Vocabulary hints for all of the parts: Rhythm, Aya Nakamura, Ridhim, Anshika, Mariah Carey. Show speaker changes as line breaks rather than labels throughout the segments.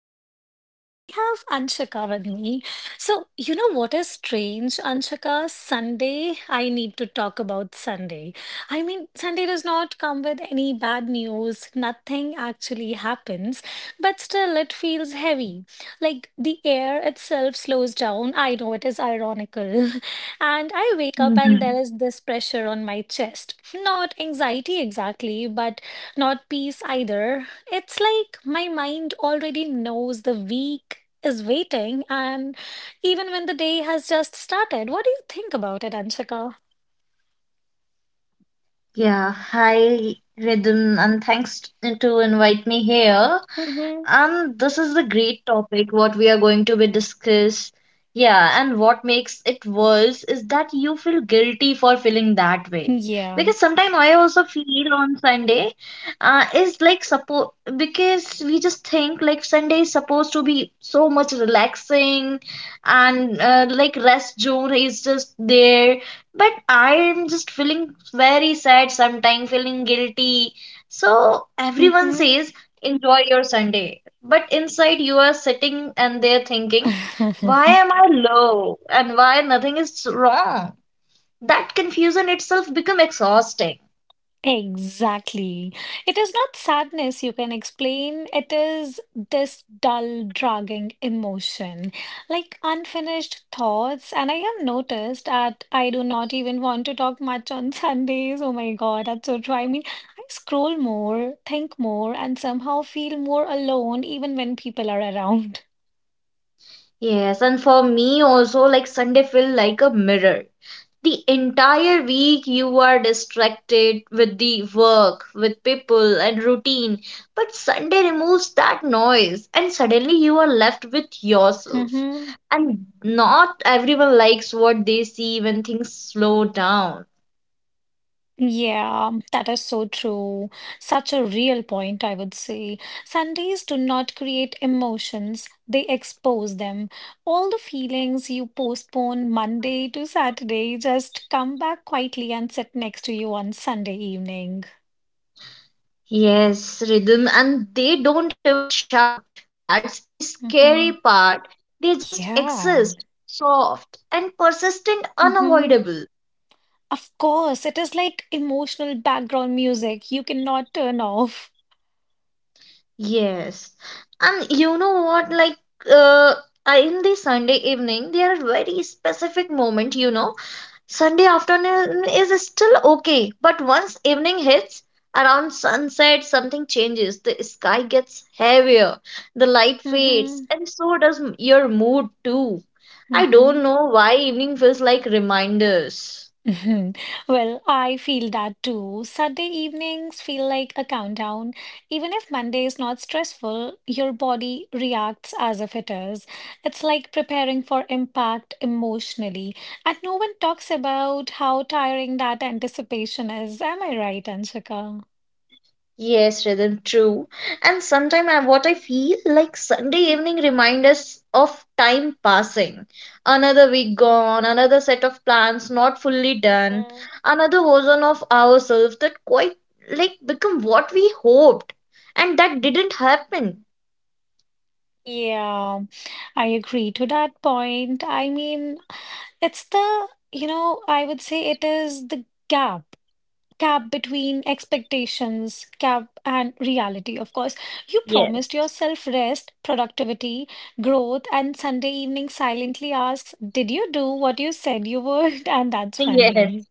Rhythm and I have Anshika with me. So, you know what is strange, Anshika? Sunday, I need to talk about Sunday. I mean, Sunday does not come with any bad news, nothing actually happens, but still it feels heavy. Like the air itself slows down. I know it is ironical. And I wake up and there is this pressure
Mhm.
on my chest. Not anxiety exactly, but not peace either. It's like my mind already knows the week is waiting, and even when the day has just started, what do you think about it, Anshika?
Yeah, hi Ridhim, and thanks to invite me here.
Mm-hmm.
And this is a great topic, what we are going to be discuss. Yeah, and what makes it worse is that you feel guilty for feeling that way.
Yeah.
Because sometimes I also feel on Sunday is like supposed because we just think like Sunday is supposed to be so much relaxing and like rest zone is just there. But I'm just feeling very sad sometimes, feeling guilty. So everyone
Mm-hmm.
says enjoy your Sunday. But inside you are sitting and they're thinking, why am I low and why nothing is wrong? That confusion itself become exhausting.
Exactly. It is not sadness you can explain, it is this dull, dragging emotion, like unfinished thoughts. And I have noticed that I do not even want to talk much on Sundays. Oh my God, that's so true. I mean, I scroll more, think more, and somehow feel more alone even when people are around.
Yes, and for me also, like Sunday feel like a mirror. The entire week you are distracted with the work, with people and routine, but Sunday removes that noise and suddenly you are left with yourself.
Mhm.
And not everyone likes what they see when things slow down.
Yeah, that is so true. Such a real point, I would say. Sundays do not create emotions, they expose them. All the feelings you postpone Monday to Saturday just come back quietly and sit next to you on Sunday evening.
Yes, rhythm, and they don't even shout. That's the scary
Hmm.
part. They just
Yeah.
exist, soft and persistent,
Hmm.
unavoidable.
Of course, it is like emotional background music you cannot turn off.
Yes, and you know what? Uh, in the Sunday evening, there are very specific moment. You know, Sunday afternoon is still okay, but once evening hits, around sunset, something changes. The sky gets heavier, the light fades,
Hmm.
and so does your mood too. I don't
Hmm.
know why evening feels like reminders.
Mhm. Well, I feel that too. Saturday evenings feel like a countdown. Even if Monday is not stressful, your body reacts as if it is. It's like preparing for impact emotionally. And no one talks about how tiring that anticipation is. Am I right, Anshika?
Yes, rhythm, true. And sometimes what I feel like Sunday evening remind us of time passing. Another week gone, another set of plans not fully done,
Mhm.
another version of ourselves that quite like become what we hoped, and that didn't happen.
Yeah, I agree to that point. I mean, it's the, I would say it is the gap. Cap between expectations, cap and reality, of course. You
Yes,
promised yourself rest, productivity, growth, and Sunday evening silently asks, Did you do what you said you would? And that's funny.
yes,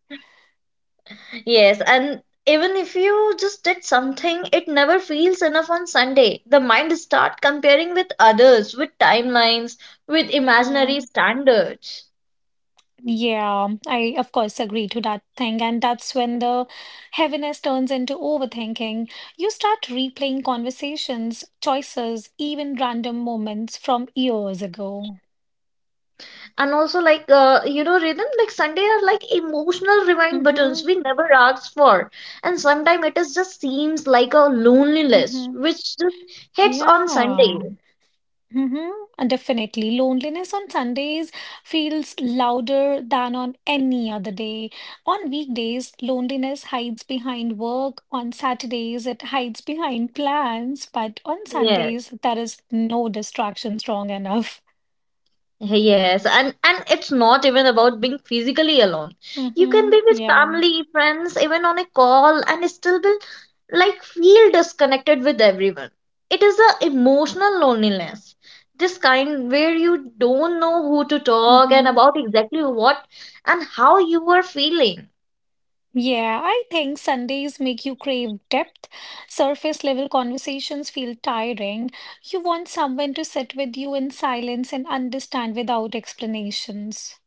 Yes, and even if you just did something, it never feels enough on Sunday. The mind start comparing with others, with timelines, with imaginary
Mhm.
standards.
Yeah, I of course agree to that thing. And that's when the heaviness turns into overthinking. You start replaying conversations, choices, even random moments from years ago.
And also like you know, rhythm, like Sunday are like emotional rewind buttons
Mm-hmm.
we never asked for. And sometimes it is just seems like a loneliness
Mm-hmm.
which just hits on Sunday.
Yeah. Mm-hmm, definitely. Loneliness on Sundays feels louder than on any other day. On weekdays, loneliness hides behind work. On Saturdays, it hides behind plans. But on
Yes.
Sundays, there is no distraction strong enough.
Yes, and it's not even about being physically alone. You can be
Mm-hmm,
with
yeah.
family, friends, even on a call, and still be like feel disconnected with everyone. It is a emotional loneliness. This kind where you don't know who to talk and
Mm-hmm.
about exactly what and how you are feeling.
Yeah, I think Sundays make you crave depth. Surface level conversations feel tiring. You want someone to sit with you in silence and understand without explanations.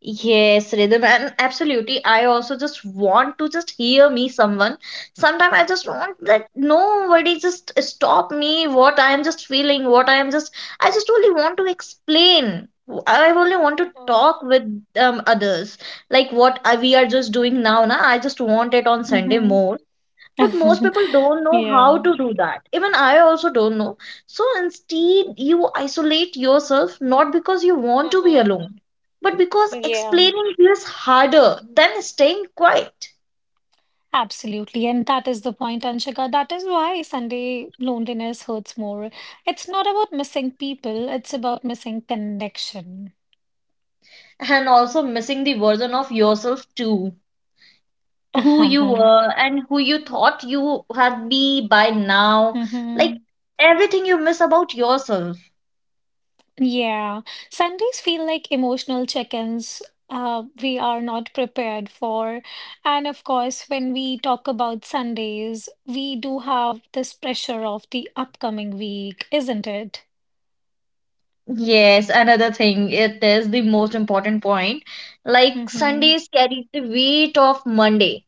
Yes, rhythm, and absolutely. I also just want to just hear me someone. Sometimes I just want that nobody just stop me what I am just feeling, what I am just I just only want to explain. I only want to
Mhm.
talk with others. Like we are just doing now, na? I just want it on Sunday
Mhm.
more. But most people don't know how
Yeah.
to do that. Even I also don't know. So instead, you isolate yourself not because you want to be
Mhm.
alone, but because
Yeah.
explaining feels harder than staying quiet,
Absolutely. And that is the point, Anshika. That is why Sunday loneliness hurts more. It's not about missing people, it's about missing connection.
and also missing the version of yourself too. Who you were and who you thought you had be by now.
Hmm.
Like everything you miss about yourself.
Yeah. Sundays feel like emotional check-ins we are not prepared for. And of course, when we talk about Sundays, we do have this pressure of the upcoming week, isn't it?
Yes, another thing, it is the most important point. Like
Mm-hmm.
Sundays carry the weight of Monday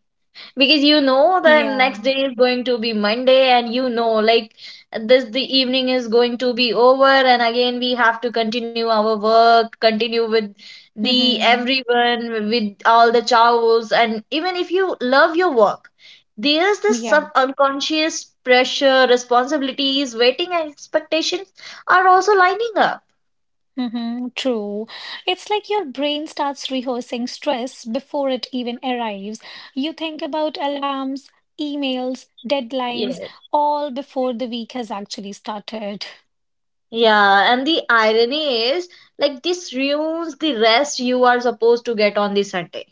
because you know the next
Yeah.
day is going to be Monday, and you know, like this, the evening is going to be over, and again we have to continue our work, continue with the
Mm-hmm.
everyone, with all the chows, and even if you love your work, there is this
Yeah.
sub-unconscious pressure, responsibilities, waiting, and expectations are also lining up.
Mm-hmm. True. It's like your brain starts rehearsing stress before it even arrives. You think about alarms, emails, deadlines,
Yes.
all before the week has actually started.
Yeah, and the irony is, like, this ruins the rest you are supposed to get on the Sunday.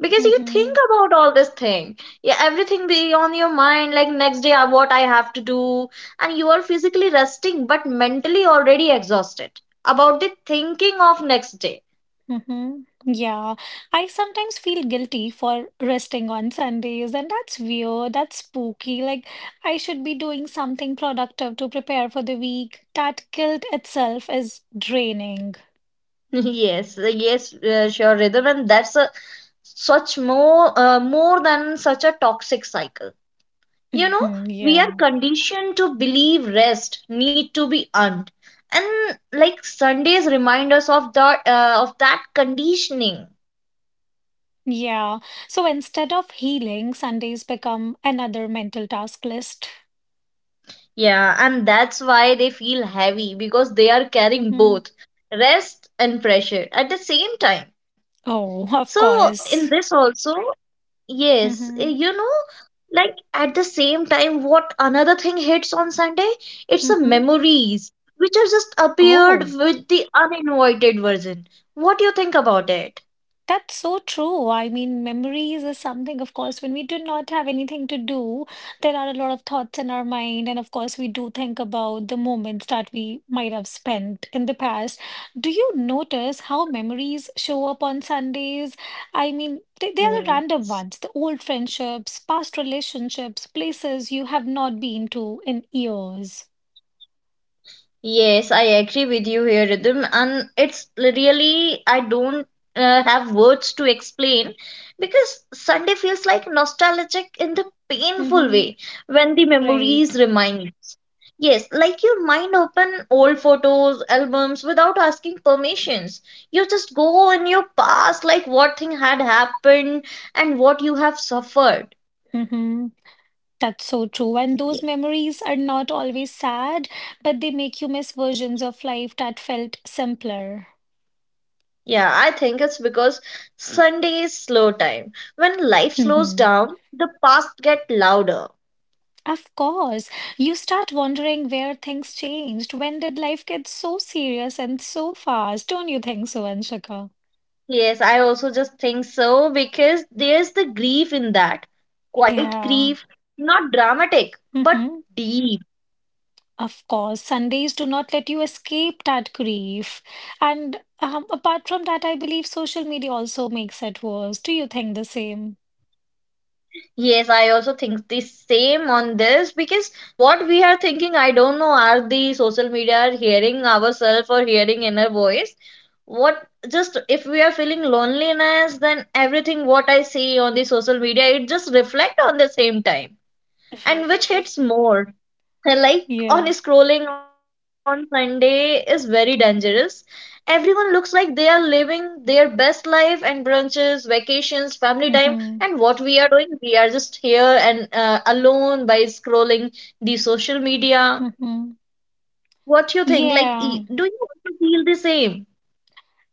Because you think
Mm-hmm.
about all this thing, yeah, everything be on your mind, like next day what I have to do, and you are physically resting but mentally already exhausted about the thinking of next day.
Mm-hmm. Yeah, I sometimes feel guilty for resting on Sundays, and that's weird, that's spooky. Like, I should be doing something productive to prepare for the week. That guilt itself is draining.
Yes, yes, sure, rhythm, and that's a such more more than such a toxic cycle. You know,
Mhm,
we are
yeah.
conditioned to believe rest need to be earned, and like Sundays remind us of that, of that conditioning.
Yeah. So instead of healing, Sundays become another mental task list.
Yeah, and that's why they feel heavy because they are carrying
Mm-hmm.
both rest and pressure at the same time. So
Oh, of
in this
course.
also, yes, you
Mm-hmm.
know, like at the same time, what another thing hits on Sunday? It's the
Mm-hmm.
memories which are just appeared
Oh.
with the uninvited version. What do you think about it?
That's so true. I mean, memories is something, of course, when we do not have anything to do, there are a lot of thoughts in our mind. And of course, we do think about the moments that we might have spent in the past. Do you notice how memories show up on Sundays? I mean, they are the
Yeah.
random ones, the old friendships, past relationships, places you have not been to in years.
Yes, I agree with you here, Rhythm, and it's really I don't have words to explain because Sunday feels like nostalgic in the painful
Mm-hmm.
way when the memories
Right.
remind. Yes, like you mind open old photos, albums without asking permissions. You just go in your past, like what thing had happened and what you have suffered.
Mm-hmm. That's so true. And those
Ye-
memories are not always sad, but they make you miss versions of life that felt simpler.
Yeah, I think it's because Sunday is slow time. When life slows down, the past get louder.
Of course, you start wondering where things changed. When did life get so serious and so fast? Don't you think so, Anshika?
Yes, I also just think so because there's the grief in that. Quite
Yeah.
grief, not dramatic, but
Hmm.
deep.
Of course, Sundays do not let you escape that grief. And apart from that, I believe social media also makes it worse. Do you think the same?
Yes, I also think the same on this because what we are thinking, I don't know, are the social media hearing ourselves or hearing inner voice? What just if we are feeling loneliness, then everything what I see on the social media, it just reflect on the same time and which hits more. Like
Yeah.
on scrolling on Sunday is very dangerous. Everyone looks like they are living their best life and brunches, vacations, family time, and
Hmm.
what we are doing, we are just here and alone by scrolling the social media.
Hmm.
What you think? Like,
Yeah,
do you also feel the same?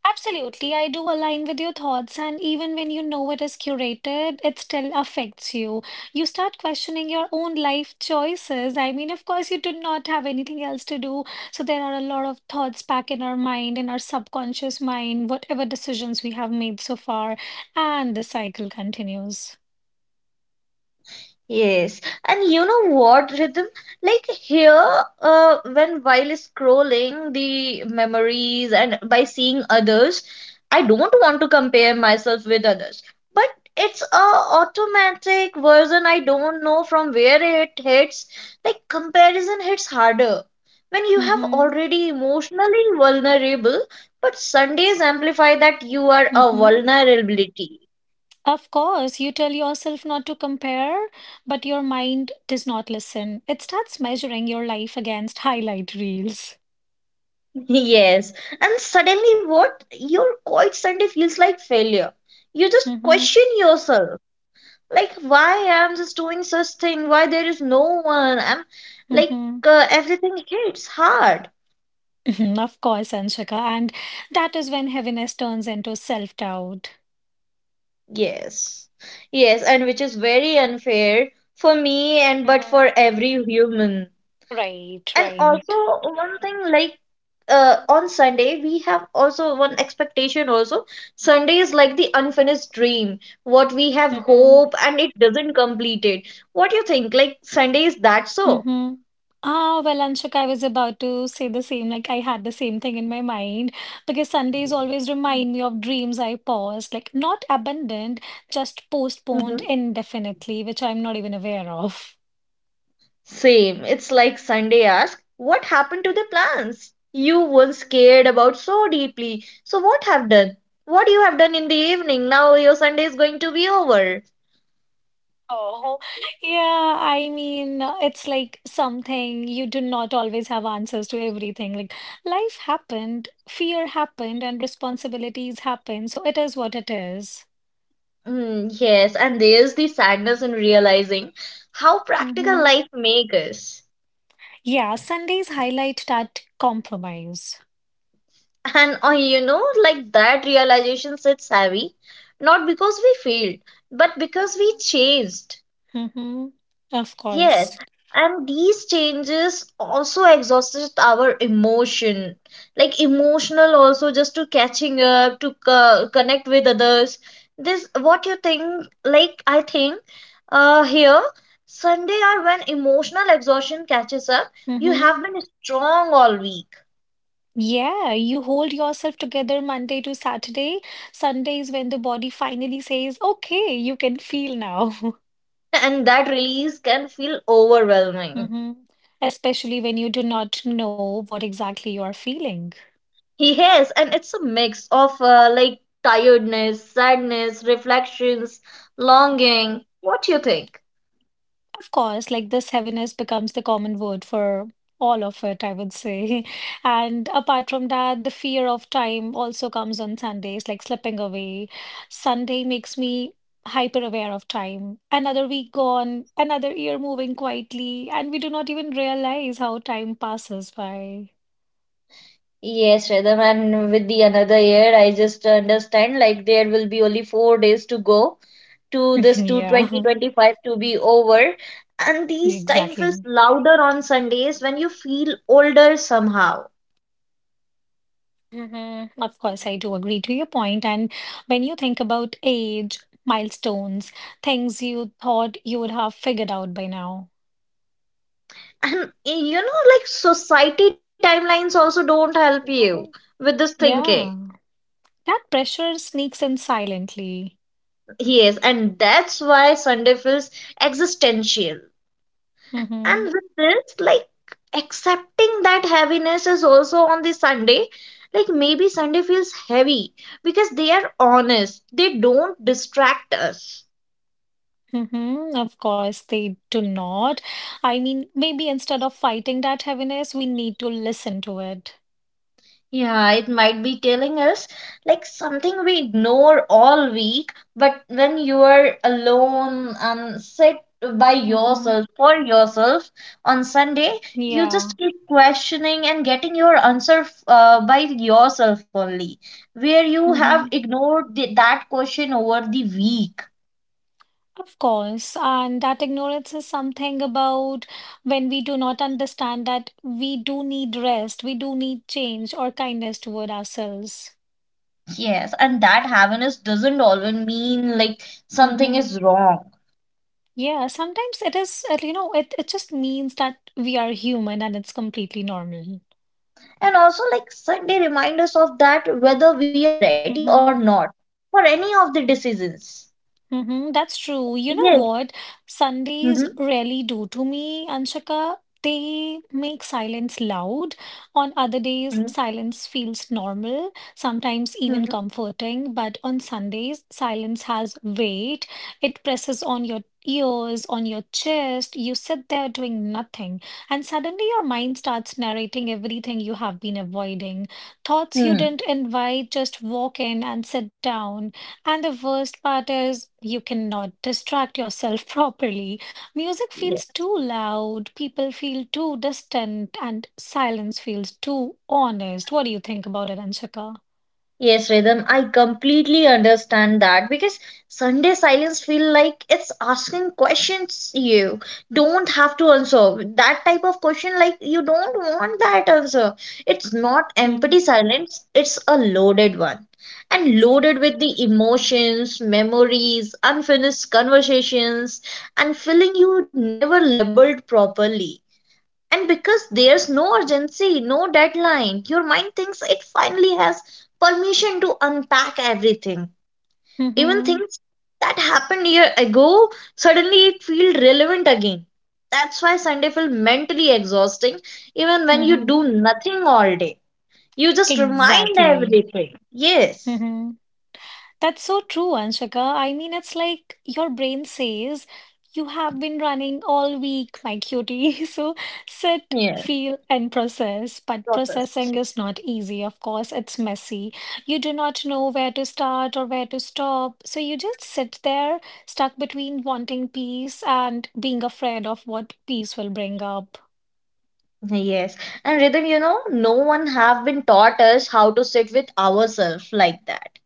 absolutely. I do align with your thoughts, and even when you know it is curated, it still affects you. You start questioning your own life choices. I mean, of course, you do not have anything else to do, so there are a lot of thoughts back in our mind, in our subconscious mind, whatever decisions we have made so far, and the cycle continues.
Yes, and you know what, Rhythm? Like here, when while scrolling the memories and by seeing others, I don't want to compare myself with others. But it's a automatic version. I don't know from where it hits. Like comparison hits harder when you have
Mm-hmm.
already emotionally vulnerable, but Sundays amplify that you are a
Mm-hmm.
vulnerability.
Of course, you tell yourself not to compare, but your mind does not listen. It starts measuring your life against highlight reels.
Yes, and suddenly what? Your quiet Sunday feels like failure. You just
Mm-hmm.
question yourself, like why I'm just doing such thing? Why there is no one? I'm like
Hmm.
everything hits hard.
Mhm, of course, Anshika. And that is when heaviness turns into self-doubt.
Yes, yes, and which is very unfair for me and but
Hmm.
for every human.
Right,
And also
right.
one thing, like on Sunday we have also one expectation also. Sunday is like the unfinished dream. What we have
Hmm.
hope and it doesn't complete it. What do you think? Like Sunday is that so?
Mm-hmm. Ah, well, Anshuk, I was about to say the same. Like, I had the same thing in my mind because Sundays always remind me of dreams I paused, like, not abandoned, just postponed
Hmm.
indefinitely, which I'm not even aware of.
Same. It's like Sunday ask, what happened to the plans? You once cared about so deeply. So what have done? What you have done in the evening? Now your Sunday is going to be over.
Oh, yeah. I mean, it's like something you do not always have answers to everything. Like, life happened, fear happened, and responsibilities happened. So it is what it is.
Mm, yes, and there's the sadness in realizing how practical
Mm-hmm.
life makes us.
Yeah, Sundays highlight that compromise.
And you know, like that realization sits heavy, not because we failed, but because we changed.
Hmm. Of
Yes,
course.
and these changes also exhausted our emotion, like emotional also just to catching up, to connect with others. This what you think? Like, I think, here, Sunday are when emotional exhaustion catches up. You
Hmm.
have been strong all week,
Yeah, you hold yourself together Monday to Saturday. Sunday is when the body finally says, okay, you can feel now.
and that release can feel overwhelming.
Hmm. Especially when you do not know what exactly you are feeling.
He has, and it's a mix of like tiredness, sadness, reflections, longing. What you think?
Of course, like this heaviness becomes the common word for all of it, I would say. And apart from that, the fear of time also comes on Sundays, like slipping away. Sunday makes me hyper aware of time. Another week gone, another year moving quietly, and we do not even realize how time passes by.
Yes, Rhythm, and with the another year, I just understand like there will be only 4 days to go to this to
Yeah,
2025 to be over. And these time feels
exactly.
louder on Sundays when you feel older somehow.
Mhm. Of course, I do agree to your point. And when you think about age, milestones, things you thought you would have figured out by now.
And you know, like society timelines also don't help you
Mhm.
with this thinking.
Yeah, that pressure sneaks in silently.
He is, and that's why Sunday feels existential. And
Mm-hmm.
with this, like accepting that heaviness is also on the Sunday, like maybe Sunday feels heavy because they are honest, they don't distract us.
Mm-hmm. Of course, they do not. I mean, maybe instead of fighting that heaviness, we need to listen to it.
Yeah, it might be telling us like something we ignore all week, but when you are alone and sit by
Mm-hmm.
yourself for yourself on Sunday, you
Yeah.
just keep questioning and getting your answer by yourself only, where you have
Mm-hmm.
ignored that question over the week.
Of course, and that ignorance is something about when we do not understand that we do need rest, we do need change or kindness toward ourselves.
Yes, and that happiness doesn't always mean like something
Hmm.
is wrong.
Yeah, sometimes it is, it just means that we are human and it's completely normal.
And also, like Sunday remind us of that whether we are ready
Mm-hmm.
or not for any of the decisions.
Mm-hmm, that's true. You know
Yes.
what? Sundays
Mm-hmm.
really do to me, Anshika. They make silence loud. On other days, silence feels normal, sometimes even
Hmm.
comforting. But on Sundays, silence has weight. It presses on your ears, on your chest. You sit there doing nothing. And suddenly your mind starts narrating everything you have been avoiding. Thoughts you
Hmm.
didn't invite just walk in and sit down. And the worst part is, you cannot distract yourself properly. Music feels too loud, people feel too distant, and silence feels too honest. What do you think about it, Anshika?
Yes, Rhythm, I completely understand that because Sunday silence feel like it's asking questions you don't have to answer. That type of question, like you don't want that answer. It's not empty
Mhm.
silence, it's a loaded one. And loaded with the emotions, memories, unfinished conversations, and feeling you never labeled properly. And because there's no urgency, no deadline, your mind thinks it finally has permission to unpack everything. Even
Mm-hmm.
things that happened a year ago, suddenly it feels relevant again. That's why Sunday feels mentally exhausting, even when you
Mm-hmm.
do nothing all day. You just remind
Exactly.
everything. Yes.
Mm-hmm. That's so true, Anshika. I mean, it's like your brain says, you have been running all week, my cutie. So sit,
Yes.
feel, and process. But
Process.
processing is not easy. Of course, it's messy. You do not know where to start or where to stop. So you just sit there, stuck between wanting peace and being afraid of what peace will bring up.
Yes. And Rhythm, you know, no one have been taught us how to sit with ourselves like that.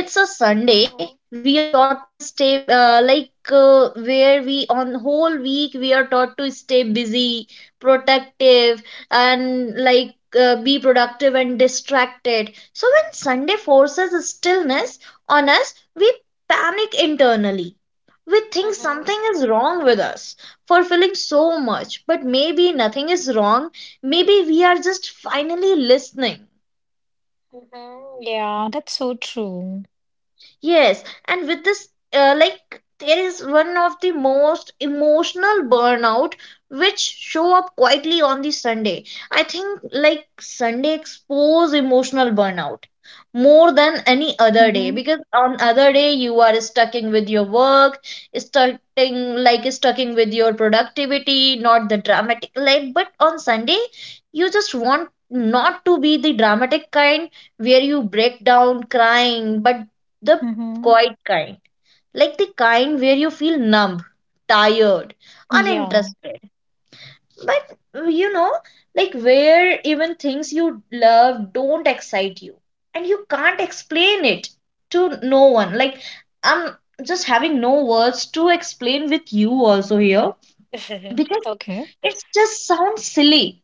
It's a Sunday.
Mm-hmm,
We are taught to stay where we on whole week we are taught to stay busy, protective, and like be productive and distracted. So when Sunday forces stillness on us, we panic internally. We think
mm-hmm,
something is wrong with us for feeling so much, but maybe nothing is wrong. Maybe we are just finally listening.
mm-hmm. Yeah, that's so true.
Yes, and with this, there is one of the most emotional burnout which show up quietly on the Sunday. I think like Sunday expose emotional burnout more than any other day,
Mm-hmm,
because on other day you are stucking with your work, stucking stucking with your productivity, not the dramatic like. But on Sunday, you just want not to be the dramatic kind where you break down crying, but the
mm-hmm.
quiet kind, like the kind where you feel numb, tired,
Yeah.
uninterested. But you know, like where even things you love don't excite you and you can't explain it to no one. Like, I'm just having no words to explain with you also here
Yeah.
because
Okay.
it just sounds silly.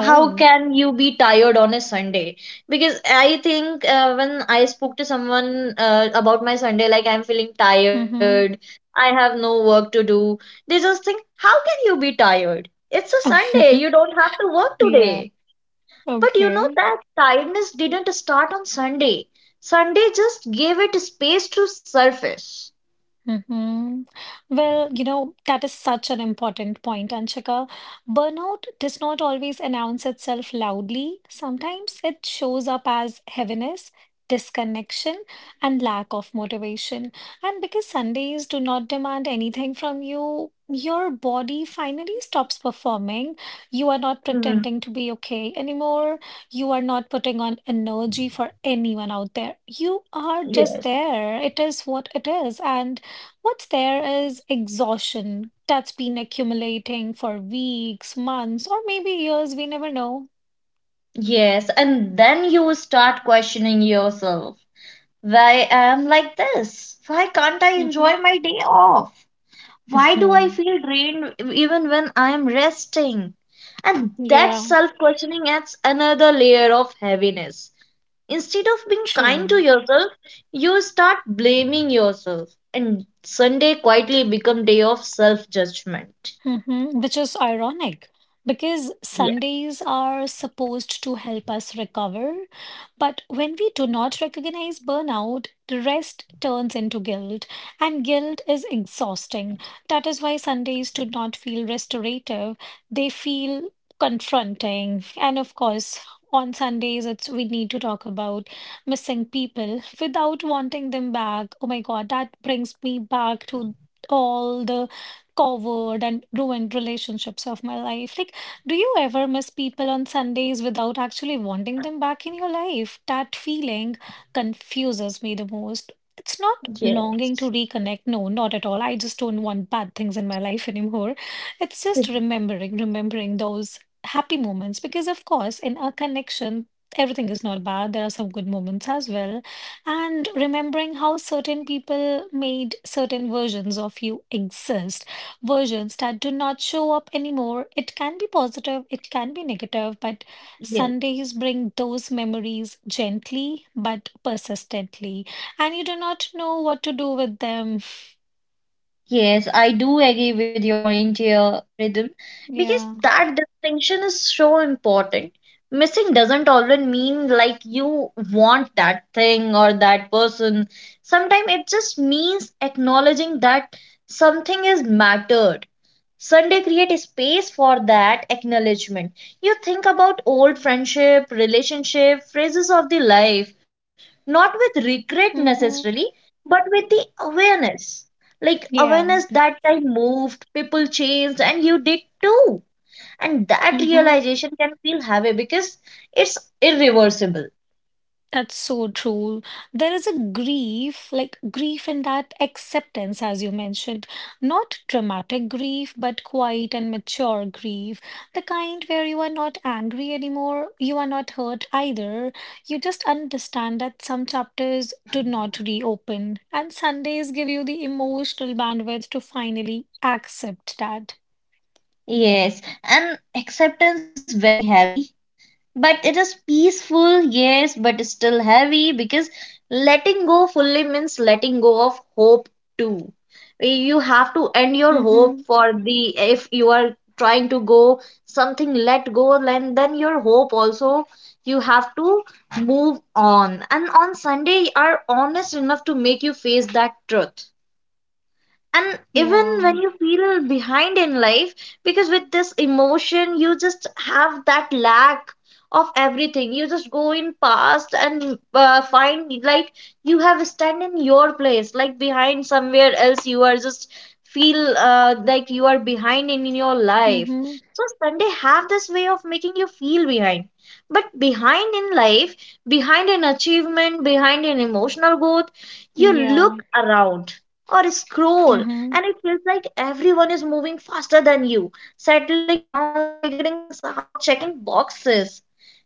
How can you be tired on a Sunday? Because I think when I spoke to someone about my Sunday, like I'm feeling tired,
Mm-hmm.
I have no work to do, they just think how can you be tired, it's a Sunday, you don't have to work today.
Yeah.
But you know
Okay.
that tiredness didn't start on Sunday. Sunday just gave it space to surface.
Hmm. Well, that is such an important point, Anshika. Burnout does not always announce itself loudly. Sometimes it shows up as heaviness, disconnection, and lack of motivation. And because Sundays do not demand anything from you, your body finally stops performing. You are not
Hmm.
pretending to be okay anymore. You are not putting on energy for anyone out there. You are just
Yes.
there. It is what it is. And what's there is exhaustion that's been accumulating for weeks, months, or maybe years. We never know.
Yes, and then you start questioning yourself. Why I am like this? Why can't I enjoy
Mm-hmm.
my day off? Why do I feel drained even when I am resting? And that
Yeah,
self questioning adds another layer of heaviness. Instead of being kind to
true.
yourself, you start blaming yourself, and Sunday quietly become day of self judgment.
Mhm, which is ironic because
Yeah.
Sundays are supposed to help us recover. But when we do not recognize burnout, the rest turns into guilt, and guilt is exhausting. That is why Sundays do not feel restorative, they feel confronting. And of course, on Sundays, it's we need to talk about missing people without wanting them back. Oh my God, that brings me back to all the covered and ruined relationships of my life. Like, do you ever miss people on Sundays without actually wanting them back in your life? That feeling confuses me the most. It's not
Yeah.
longing to reconnect. No, not at all. I just don't want bad things in my life anymore. It's just remembering, remembering those happy moments. Because, of course, in a connection, everything is not bad. There are some good moments as well. And remembering how certain people made certain versions of you exist versions that do not show up anymore. It can be positive, it can be negative, but
Yeah.
Sundays bring those memories gently but persistently, and you do not know what to do with them.
Yes, I do agree with your point here, Rhythm, because
Yeah.
that distinction is so important. Missing doesn't always mean like you want that thing or that person. Sometimes it just means acknowledging that something is mattered. Sunday create a space for that acknowledgement. You think about old friendship, relationship, phases of the life, not with regret
Mm-hmm.
necessarily, but with the awareness. Like
Yeah.
awareness that time moved, people changed, and you did too. And that
Mm-hmm.
realization can feel heavy because it's irreversible.
That's so true. There is a grief, like grief in that acceptance, as you mentioned. Not dramatic grief, but quiet and mature grief. The kind where you are not angry anymore, you are not hurt either. You just understand that some chapters do not reopen, and Sundays give you the emotional bandwidth to finally accept that.
Yes, and acceptance is very heavy, but it is peaceful. Yes, but still heavy, because letting go fully means letting go of hope too. You have to end your hope
Mm-hmm.
for the, if you are trying to go something let go, then your hope also you have to move on. And on Sunday are honest enough to make you face that truth. And even when
Yeah.
you feel behind in life, because with this emotion you just have that lack of everything. You just go in past and find like you have stand in your place like behind, somewhere else you are just feel like you are behind in your life.
Mm-hmm.
So Sunday have this way of making you feel behind, but behind in life, behind in achievement, behind in emotional growth. You
Yeah.
look around or scroll,
Mm-hmm.
and it feels like everyone is moving faster than you, settling down, figuring things out, checking boxes.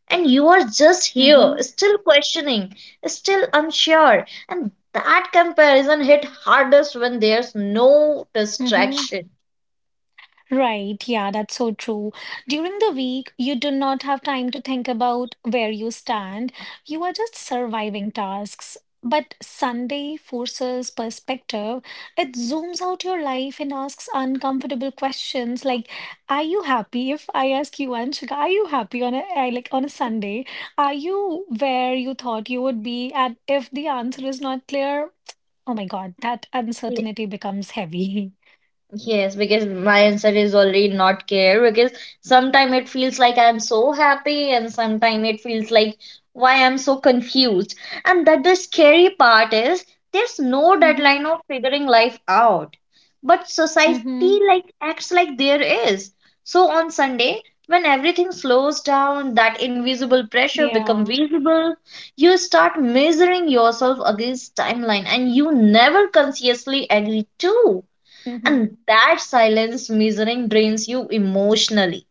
And you are just here,
Mm-hmm.
still questioning, still unsure. And that comparison hit hardest when there's no
Mm-hmm.
distraction.
Right, yeah, that's so true. During the week, you do not have time to think about where you stand. You are just surviving tasks. But Sunday forces perspective. It zooms out your life and asks uncomfortable questions like, "Are you happy?" If I ask you, Anshika, "Are you happy on a like on a Sunday? Are you where you thought you would be?" And if the answer is not clear, oh my God, that uncertainty becomes heavy.
Yes, because my answer is already not care, because sometimes it feels like I'm so happy and sometimes it feels like why I'm so confused. And that the scary part is there's no deadline
Mm-hmm.
of figuring life out. But society
Mm-hmm.
like acts like there is. So on Sunday, when everything slows down, that invisible pressure become
Yeah.
visible, you start measuring yourself against timeline and you never consciously agree to.
Mhm.
And that silence measuring drains you emotionally.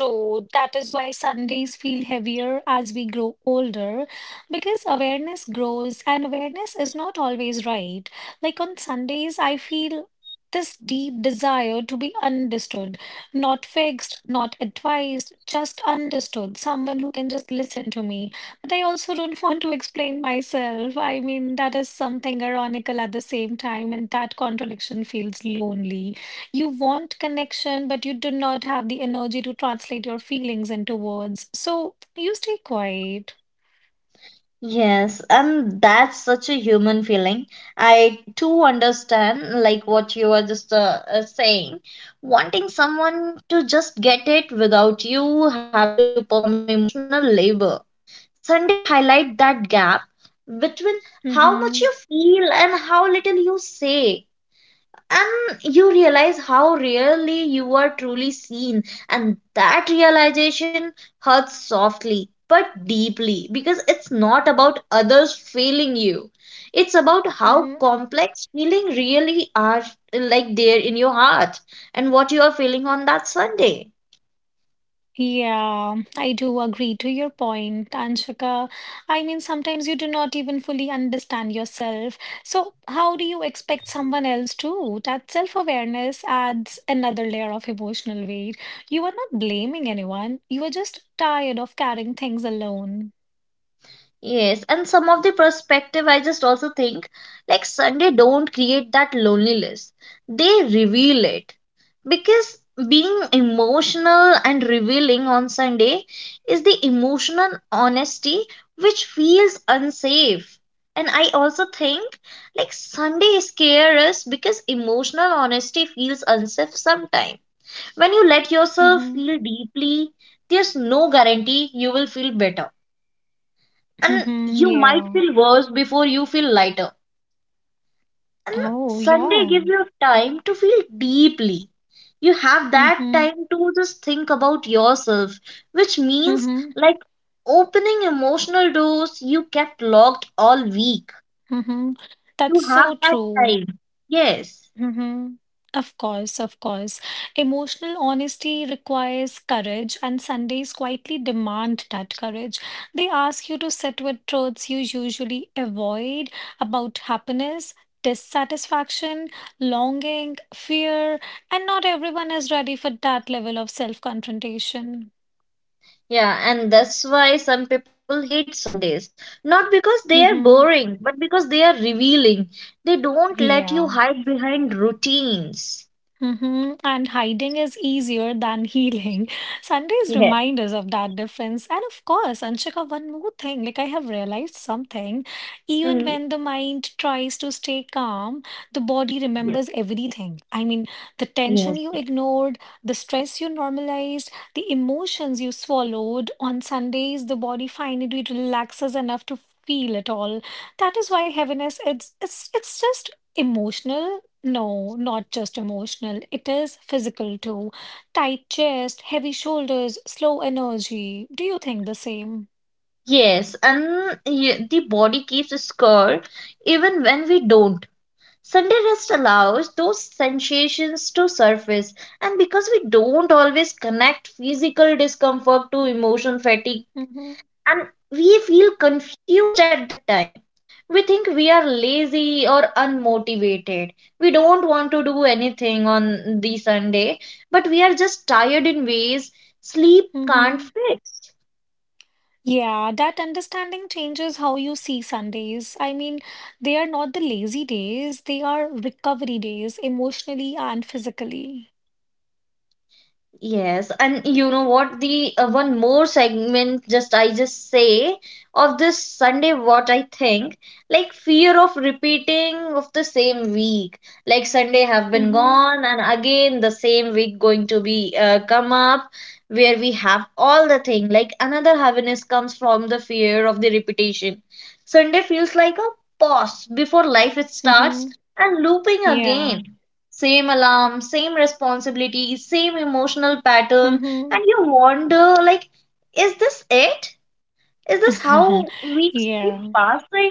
So that is why Sundays feel heavier as we grow older because awareness grows and awareness is not always right. Like on Sundays, I feel this deep desire to be understood, not fixed, not advised, just understood, someone who can just listen to me. But I also don't want to explain myself. I mean, that is something ironical at the same time, and that contradiction feels lonely. You want connection, but you do not have the energy to translate your feelings into words. So you stay quiet.
Yes, and that's such a human feeling. I too understand, like what you were just saying, wanting someone to just get it without you having to perform emotional labor. Sunday highlight that gap between how much
Mm-hmm.
you feel and how little you say. And you realize how rarely you are truly seen, and that realization hurts softly but deeply, because it's not about others failing you. It's about how
Mm-hmm.
complex feeling really are, like there in your heart and what you are feeling on that Sunday.
Yeah, I do agree to your point, Anshika. I mean, sometimes you do not even fully understand yourself. So how do you expect someone else to? That self-awareness adds another layer of emotional weight. You are not blaming anyone. You are just tired of carrying things alone.
Yes, and some of the perspective I just also think, like Sunday don't create that loneliness. They reveal it. Because being emotional and revealing on Sunday is the emotional honesty which feels unsafe. And I also think like Sunday scares us because emotional honesty feels unsafe sometimes. When you let yourself
Mm-hmm.
feel deeply, there's no guarantee you will feel better, and
Mm-hmm.
you might
Yeah.
feel worse before you feel lighter. And
Oh,
Sunday
yeah.
gives you time to feel deeply. You have that
Mm-hmm.
time to just think about yourself, which means
Mm-hmm.
like opening emotional doors you kept locked all week.
Mm-hmm.
You
That's
have
so
that
true.
time. Yes.
Mm-hmm. Of course, of course. Emotional honesty requires courage, and Sundays quietly demand that courage. They ask you to sit with truths you usually avoid about happiness, dissatisfaction, longing, fear, and not everyone is ready for that level of self-confrontation.
Yeah, and that's why some people hate Sundays. Not because they are
Mm-hmm.
boring, but because they are revealing. They don't let you
Yeah.
hide behind routines.
Hmm. And hiding is easier than healing. Sundays
Yes.
remind us of that difference. And of course, Anshika, one more thing, like I have realized something. Even
Mhm.
when the mind tries to stay calm, the body remembers everything. I mean, the
Yes.
tension you ignored, the stress you normalized, the emotions you swallowed. On Sundays, the body finally relaxes enough to feel it all. That is why heaviness, it's just emotional no, not just emotional. It is physical too. Tight chest, heavy shoulders, slow energy. Do you think the same?
Yes, and the body keeps a score even when we don't. Sunday rest allows those sensations to surface, and because we don't always connect physical discomfort to emotion fatigue,
Mm-hmm.
and we feel confused at that time. We think we are lazy or unmotivated. We don't want to do anything on the Sunday, but we are just tired in ways sleep can't
Mm-hmm.
fix.
Yeah, that understanding changes how you see Sundays. I mean, they are not the lazy days, they are recovery days, emotionally and physically.
Yes, and you know what? The one more segment, just I just say of this Sunday, what I think, like fear of repeating of the same week. Like Sunday have been
Mm-hmm.
gone, and again the same week going to be come up, where we have all the thing. Like another heaviness comes from the fear of the repetition. Sunday feels like a pause before life it starts
Mm-hmm.
and looping
Yeah.
again. Same alarm, same responsibility, same emotional pattern,
Mm-hmm.
and you wonder, like, is this it? Is this how weeks keep
Yeah.
passing?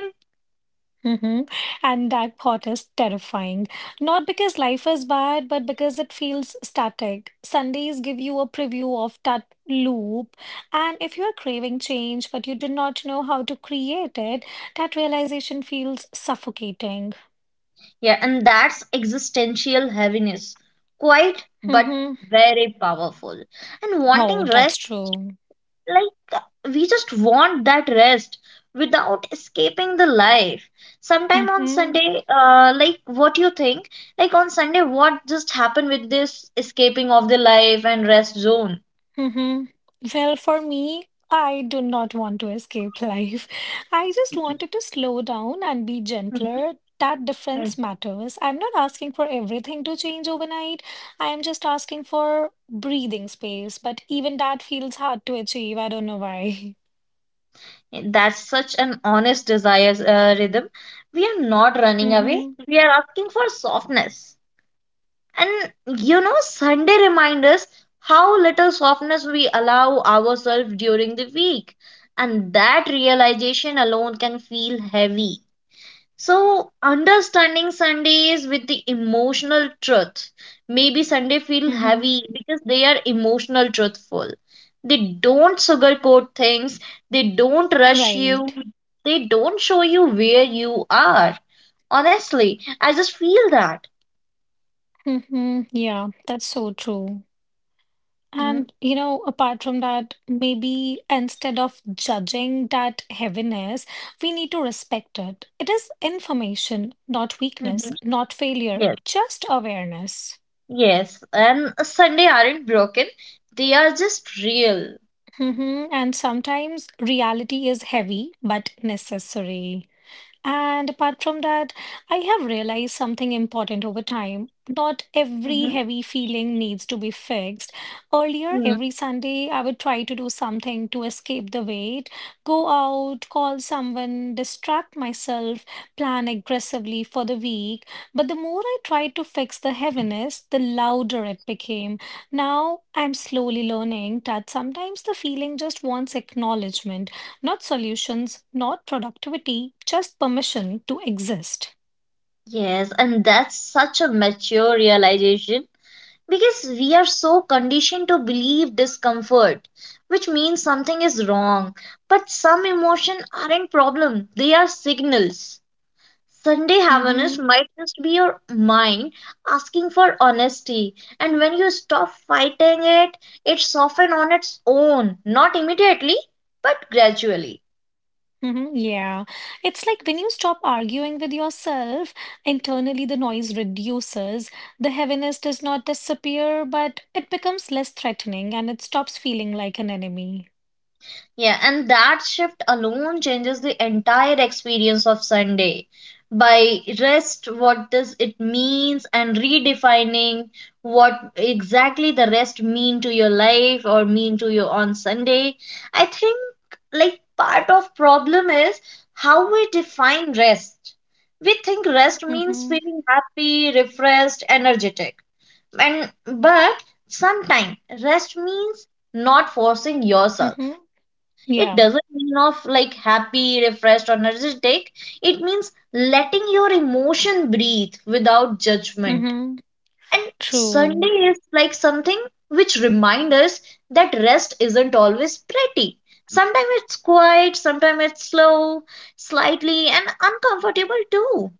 Hmm. And that thought is terrifying. Not because life is bad, but because it feels static. Sundays give you a preview of that loop. And if you are craving change, but you do not know how to create it, that realization feels suffocating.
Yeah, and that's existential heaviness. Quite, but
Hmm.
very powerful. And
Oh,
wanting
that's
rest,
true.
like we just want that rest without escaping the life sometime on
Mm-hmm.
Sunday. Like what you think, like on Sunday what just happened with this escaping of the life and rest zone.
Mm-hmm. Well, for me, I do not want to escape life. I just wanted to slow down and be gentler. That difference
Mhm.
matters. I'm not asking for everything to change overnight. I am just asking for breathing space. But even that feels hard to achieve. I don't know why.
That's such an honest desire, Rhythm. We are not running away,
Mm-hmm.
we are asking for softness. And you know, Sunday reminds us how little softness we allow ourselves during the week. And that realization alone can feel heavy. So, understanding Sundays with the emotional truth. Maybe Sunday feel
Mm-hmm.
heavy because they are emotional truthful. They don't sugarcoat things, they don't rush
Right.
you, they don't show you where you are. Honestly, I just feel that.
Mm-hmm. Yeah, that's so true.
Mm-hmm.
And, you know, apart from that, maybe instead of judging that heaviness, we need to respect it. It is information, not weakness,
Mm-hmm.
not failure,
Yes.
just awareness.
Yes, and Sunday aren't broken, they are just real.
Hmm. And sometimes reality is heavy but necessary. And apart from that, I have realized something important over time. Not every
Hmm.
heavy feeling needs to be fixed. Earlier,
Hmm.
every Sunday, I would try to do something to escape the weight, go out, call someone, distract myself, plan aggressively for the week. But the more I tried to fix the heaviness, the louder it became. Now, I'm slowly learning that sometimes the feeling just wants acknowledgement not solutions, not productivity, just permission to exist.
Yes, and that's such a mature realization, because we are so conditioned to believe discomfort, which means something is wrong. But some emotion aren't problem, they are signals. Sunday happiness
Mhm.
might just be your mind asking for honesty. And when you stop fighting it, it softens on its own. Not immediately, but gradually.
Hmm, yeah. It's like when you stop arguing with yourself, internally the noise reduces. The heaviness does not disappear, but it becomes less threatening and it stops feeling like an enemy.
Yeah, and that shift alone changes the entire experience of Sunday. By rest, what does it means and redefining what exactly the rest mean to your life or mean to you on Sunday. I think like part of problem is how we define rest. We think rest means
Mm-hmm.
feeling happy, refreshed, energetic. And but sometimes rest means not forcing yourself,
Mm-hmm.
it
Yeah.
doesn't mean of like happy, refreshed, or energetic. It means letting your emotion breathe without judgment.
Mm-hmm.
And
True.
Sunday is like something which reminds us that rest isn't always pretty. Sometimes it's quiet, sometimes it's slow, slightly, and uncomfortable too.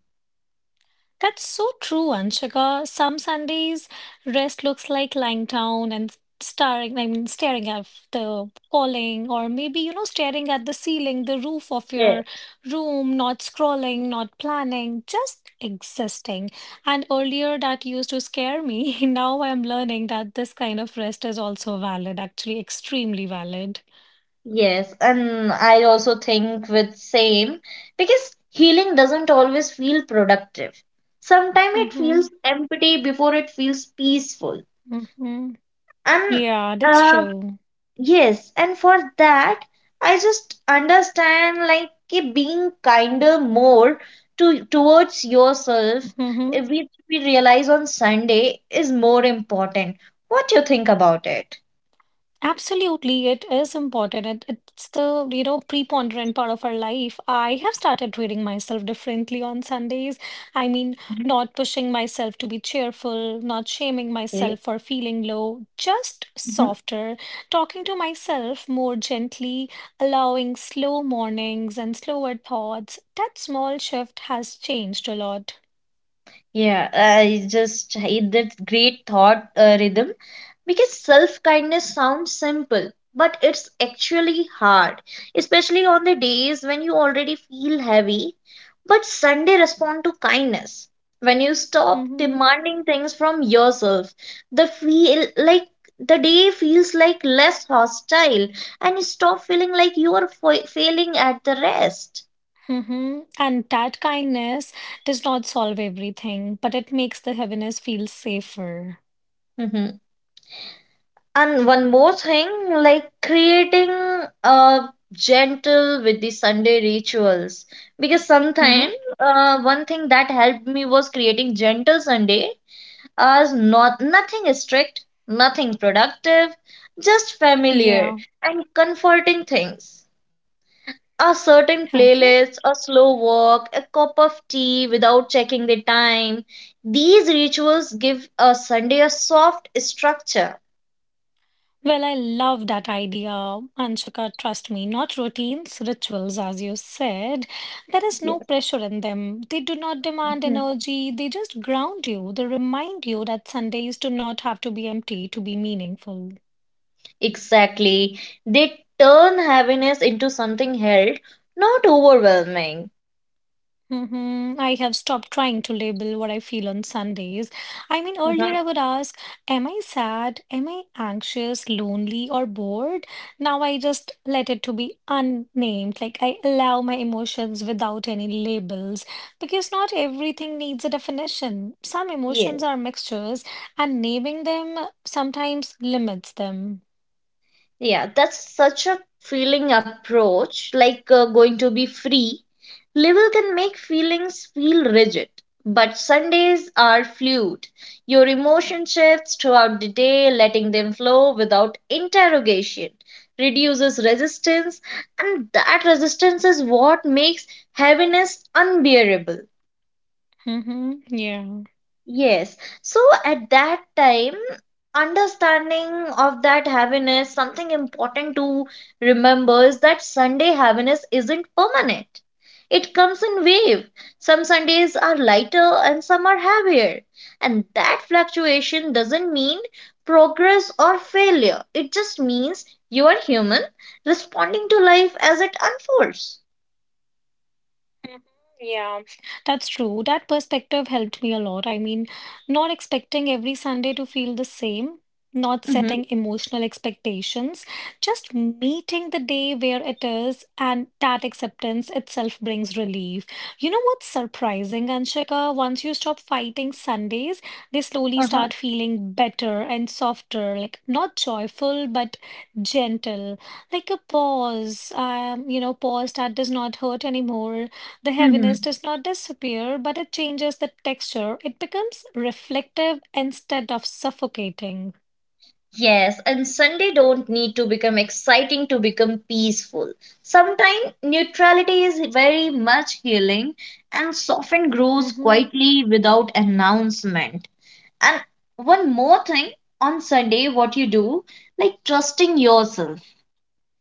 That's so true, Anshika. Some Sundays, rest looks like lying down and staring, I mean, staring at the calling, or maybe, you know, staring at the ceiling, the roof of your room, not scrolling, not planning, just existing. And earlier that used to scare me. Now I'm learning that this kind of rest is also valid, actually, extremely valid.
Yes, and I also think with same, because healing doesn't always feel productive. Sometimes it
Mm-hmm.
feels empty before it feels peaceful.
Mm-hmm.
And
Yeah, that's
uh,
true.
yes, and for that, I just understand like ki being kinder more to towards yourself,
Mm-hmm.
which we realize on Sunday is more important. What do you think about it?
Absolutely, it is important. It's the preponderant part of our life. I have started treating myself differently on Sundays. I mean,
Mhm.
not pushing myself to be cheerful, not shaming
Okay.
myself for feeling low, just softer, talking to myself more gently, allowing slow mornings and slower thoughts. That small shift has changed a lot.
Yeah, I just hate that great thought, Rhythm, because self kindness sounds simple, but it's actually hard, especially on the days when you already feel heavy. But Sunday respond to kindness. When you stop
Hmm.
demanding things from yourself, the feel like the day feels like less hostile and you stop feeling like you are failing at the rest.
Hmm. And that kindness does not solve everything, but it makes the heaviness feel safer.
And one more thing, like creating a gentle with the Sunday rituals. Because
Hmm.
sometimes one thing that helped me was creating gentle Sunday as not nothing strict, nothing productive, just familiar
Yeah.
and comforting things. A certain
Okay.
playlist, a slow walk, a cup of tea without checking the time. These rituals give a Sunday a soft structure.
Well, I love that idea, Anshika. Trust me, not routines, rituals, as you said. There is no
Yeah.
pressure in them. They do not demand energy. They just ground you. They remind you that Sundays do not have to be empty to be meaningful.
Exactly. They turn heaviness into something held, not overwhelming.
Hmm. I have stopped trying to label what I feel on Sundays. I mean, earlier
Mhm.
I would ask, am I sad? Am I anxious, lonely, or bored? Now I just let it to be unnamed. Like I allow my emotions without any labels because not everything needs a definition. Some
Yeah.
emotions are mixtures, and naming them sometimes limits them.
Yeah, that's such a feeling approach, like going to be free. Label can make feelings feel rigid, but Sundays are fluid. Your emotion shifts throughout the day, letting them flow without interrogation, reduces resistance, and that resistance is what makes heaviness unbearable.
Mm-hmm. Yeah.
Yes. So at that time, understanding of that heaviness, something important to remember is that Sunday heaviness isn't permanent. It comes in wave. Some Sundays are lighter and some are heavier. And that fluctuation doesn't mean progress or failure. It just means you are human, responding to life as it unfolds.
Mhm. Yeah, that's true. That perspective helped me a lot. I mean, not expecting every Sunday to feel the same, not
Mm-hmm.
setting emotional expectations, just meeting the day where it is, and that acceptance itself brings relief. You know what's surprising, Anshika? Once you stop fighting Sundays, they slowly
Uh-huh.
start feeling better and softer, like not joyful, but gentle, like a pause, pause that does not hurt anymore. The heaviness
Mhm.
does not disappear, but it changes the texture. It becomes reflective instead of suffocating.
Yes, and Sunday don't need to become exciting to become peaceful. Sometimes neutrality is very much healing and soften grows
Mm-hmm.
quietly without announcement. And one more thing on Sunday, what you do, like trusting yourself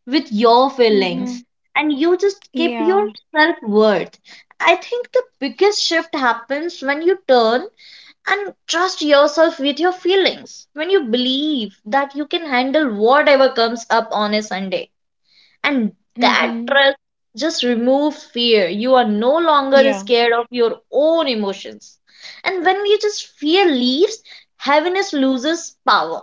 with your
Mm-hmm.
feelings and you just keep your
Yeah.
self worth. I think the biggest shift happens when you turn and trust yourself with your feelings, when you believe that you can handle whatever comes up on a Sunday, and that
Mm-hmm.
trust just removes fear. You are no longer
Yeah.
scared of your own emotions, and when you just fear leaves, heaviness loses power.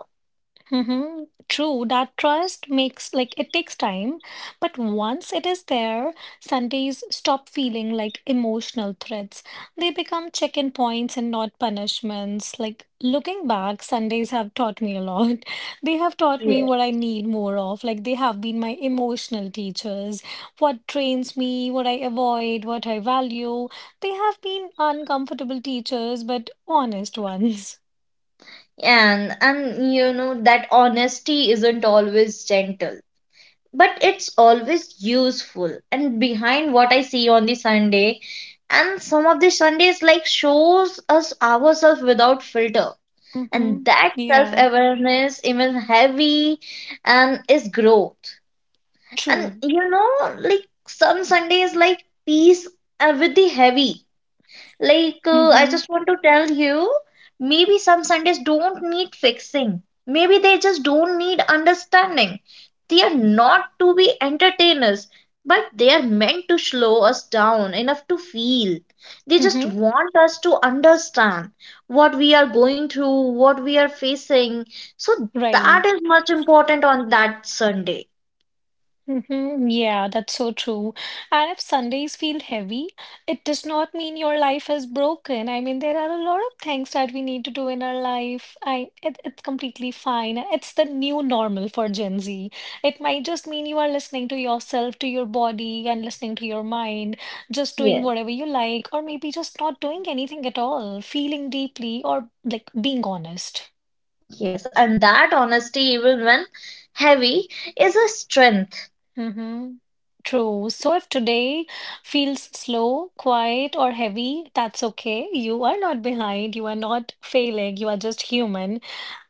Mm-hmm. True, that trust makes like it takes time, but once it is there, Sundays stop feeling like emotional threats. They become check-in points and not punishments. Like looking back, Sundays have taught me a lot. They have taught me
Yeah.
what I need more of. Like they have been my emotional teachers, what trains me, what I avoid, what I value. They have been uncomfortable teachers, but honest ones.
And you know that honesty isn't always gentle, but it's always useful and behind what I see on the Sunday. And some of the Sundays like shows us ourselves without filter, and
Mm-hmm.
that
Yeah,
self-awareness even heavy and is growth. And
true.
you know, like some Sundays like peace, with the heavy, like, I
Mm-hmm.
just want to tell you, maybe some Sundays don't need fixing. Maybe they just don't need understanding. They are not to be entertainers, but they are meant to slow us down enough to feel. They just
Mm-hmm.
want us to understand what we are going through, what we are facing. So that
Right.
is much important on that Sunday.
Mm-hmm. Yeah, that's so true. And if Sundays feel heavy, it does not mean your life is broken. I mean, there are a lot of things that we need to do in our life. It's completely fine. It's the new normal for Gen Z. It might just mean you are listening to yourself, to your body, and listening to your mind, just doing
Yes.
whatever you like, or maybe just not doing anything at all, feeling deeply or like being honest.
Yes, and that honesty, even when heavy, is a strength.
Mm-hmm. True. So if today feels slow, quiet, or heavy, that's okay. You are not behind. You are not failing. You are just human.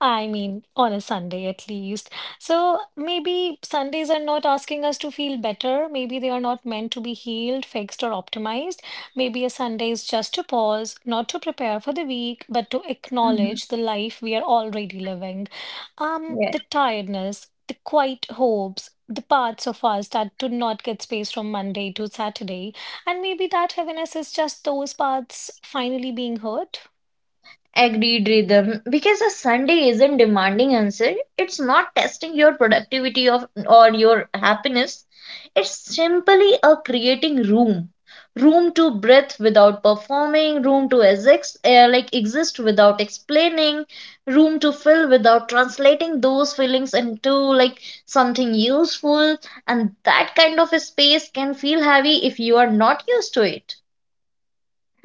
I mean, on a Sunday at least. So maybe Sundays are not asking us to feel better. Maybe they are not meant to be healed, fixed, or optimized. Maybe a Sunday is just to pause, not to prepare for the week, but to
Mhm.
acknowledge the life we are already living. The tiredness, the quiet hopes, the parts of us that do not get space from Monday to Saturday, and maybe that heaviness is just those parts finally being heard.
Agreed, Rhythm, because a Sunday isn't demanding answer. It's not testing your productivity of or your happiness. It's simply a creating room, room to breathe without performing, room to exist exist without explaining, room to fill without translating those feelings into like something useful. And that kind of a space can feel heavy if you are not used to it.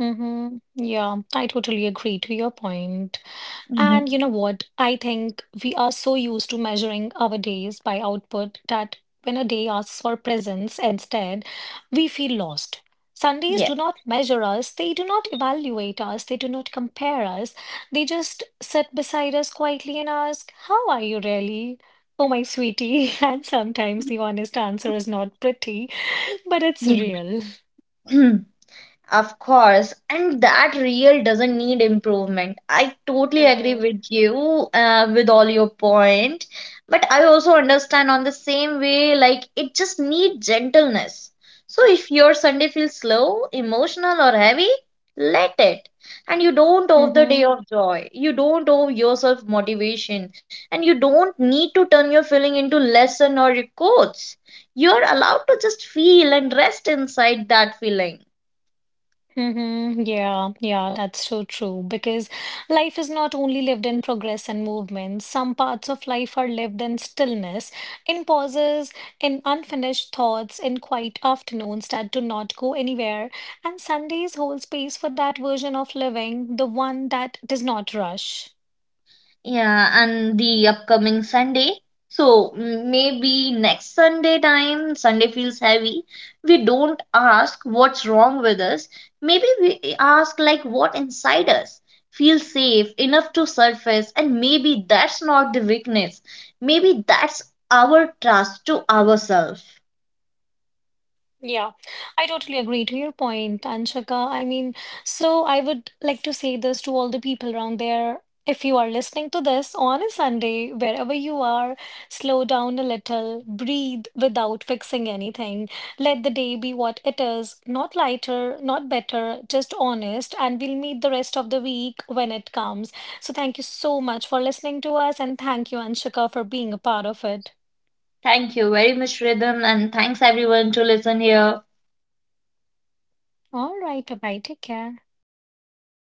Mm-hmm. Yeah, I totally agree to your point.
Hmm.
And you know what? I think we are so used to measuring our days by output that when a day asks for presence instead, we feel lost. Sundays
Yeah.
do not measure us, they do not evaluate us, they do not compare us. They just sit beside us quietly and ask, how are you really? Oh, my sweetie. And sometimes the honest answer is not pretty, but it's
Yeah.
real.
Of course, and that real doesn't need improvement. I totally agree
Mm-hmm.
with you, with all your point, but I also understand on the same way like it just need gentleness. So if your Sunday feels slow, emotional or heavy, let it. And you don't owe the
Mm-hmm.
day of joy. You don't owe yourself motivation, and you don't need to turn your feeling into lesson or records. You're allowed to just feel and rest inside that feeling.
Mm-hmm. Yeah, yeah, that's so true. Because life is not only lived in progress and movement. Some parts of life are lived in stillness, in pauses, in unfinished thoughts, in quiet afternoons that do not go anywhere. And Sundays hold space for that version of living, the one that does not rush.
Yeah, and the upcoming Sunday. So maybe next Sunday time, Sunday feels heavy. We don't ask what's wrong with us. Maybe we ask, like, what inside us feels safe enough to surface. And maybe that's not the weakness. Maybe that's our trust to ourselves.
Yeah, I totally agree to your point, Anshika. I mean, so I would like to say this to all the people around there. If you are listening to this on a Sunday, wherever you are, slow down a little, breathe without fixing anything. Let the day be what it is, not lighter, not better, just honest, and we'll meet the rest of the week when it comes. So thank you so much for listening to us, and thank you, Anshika, for being a part of it.
Thank you very much, Rhythm. And thanks everyone to listen here.
All right, bye-bye, take care.
Bye bye.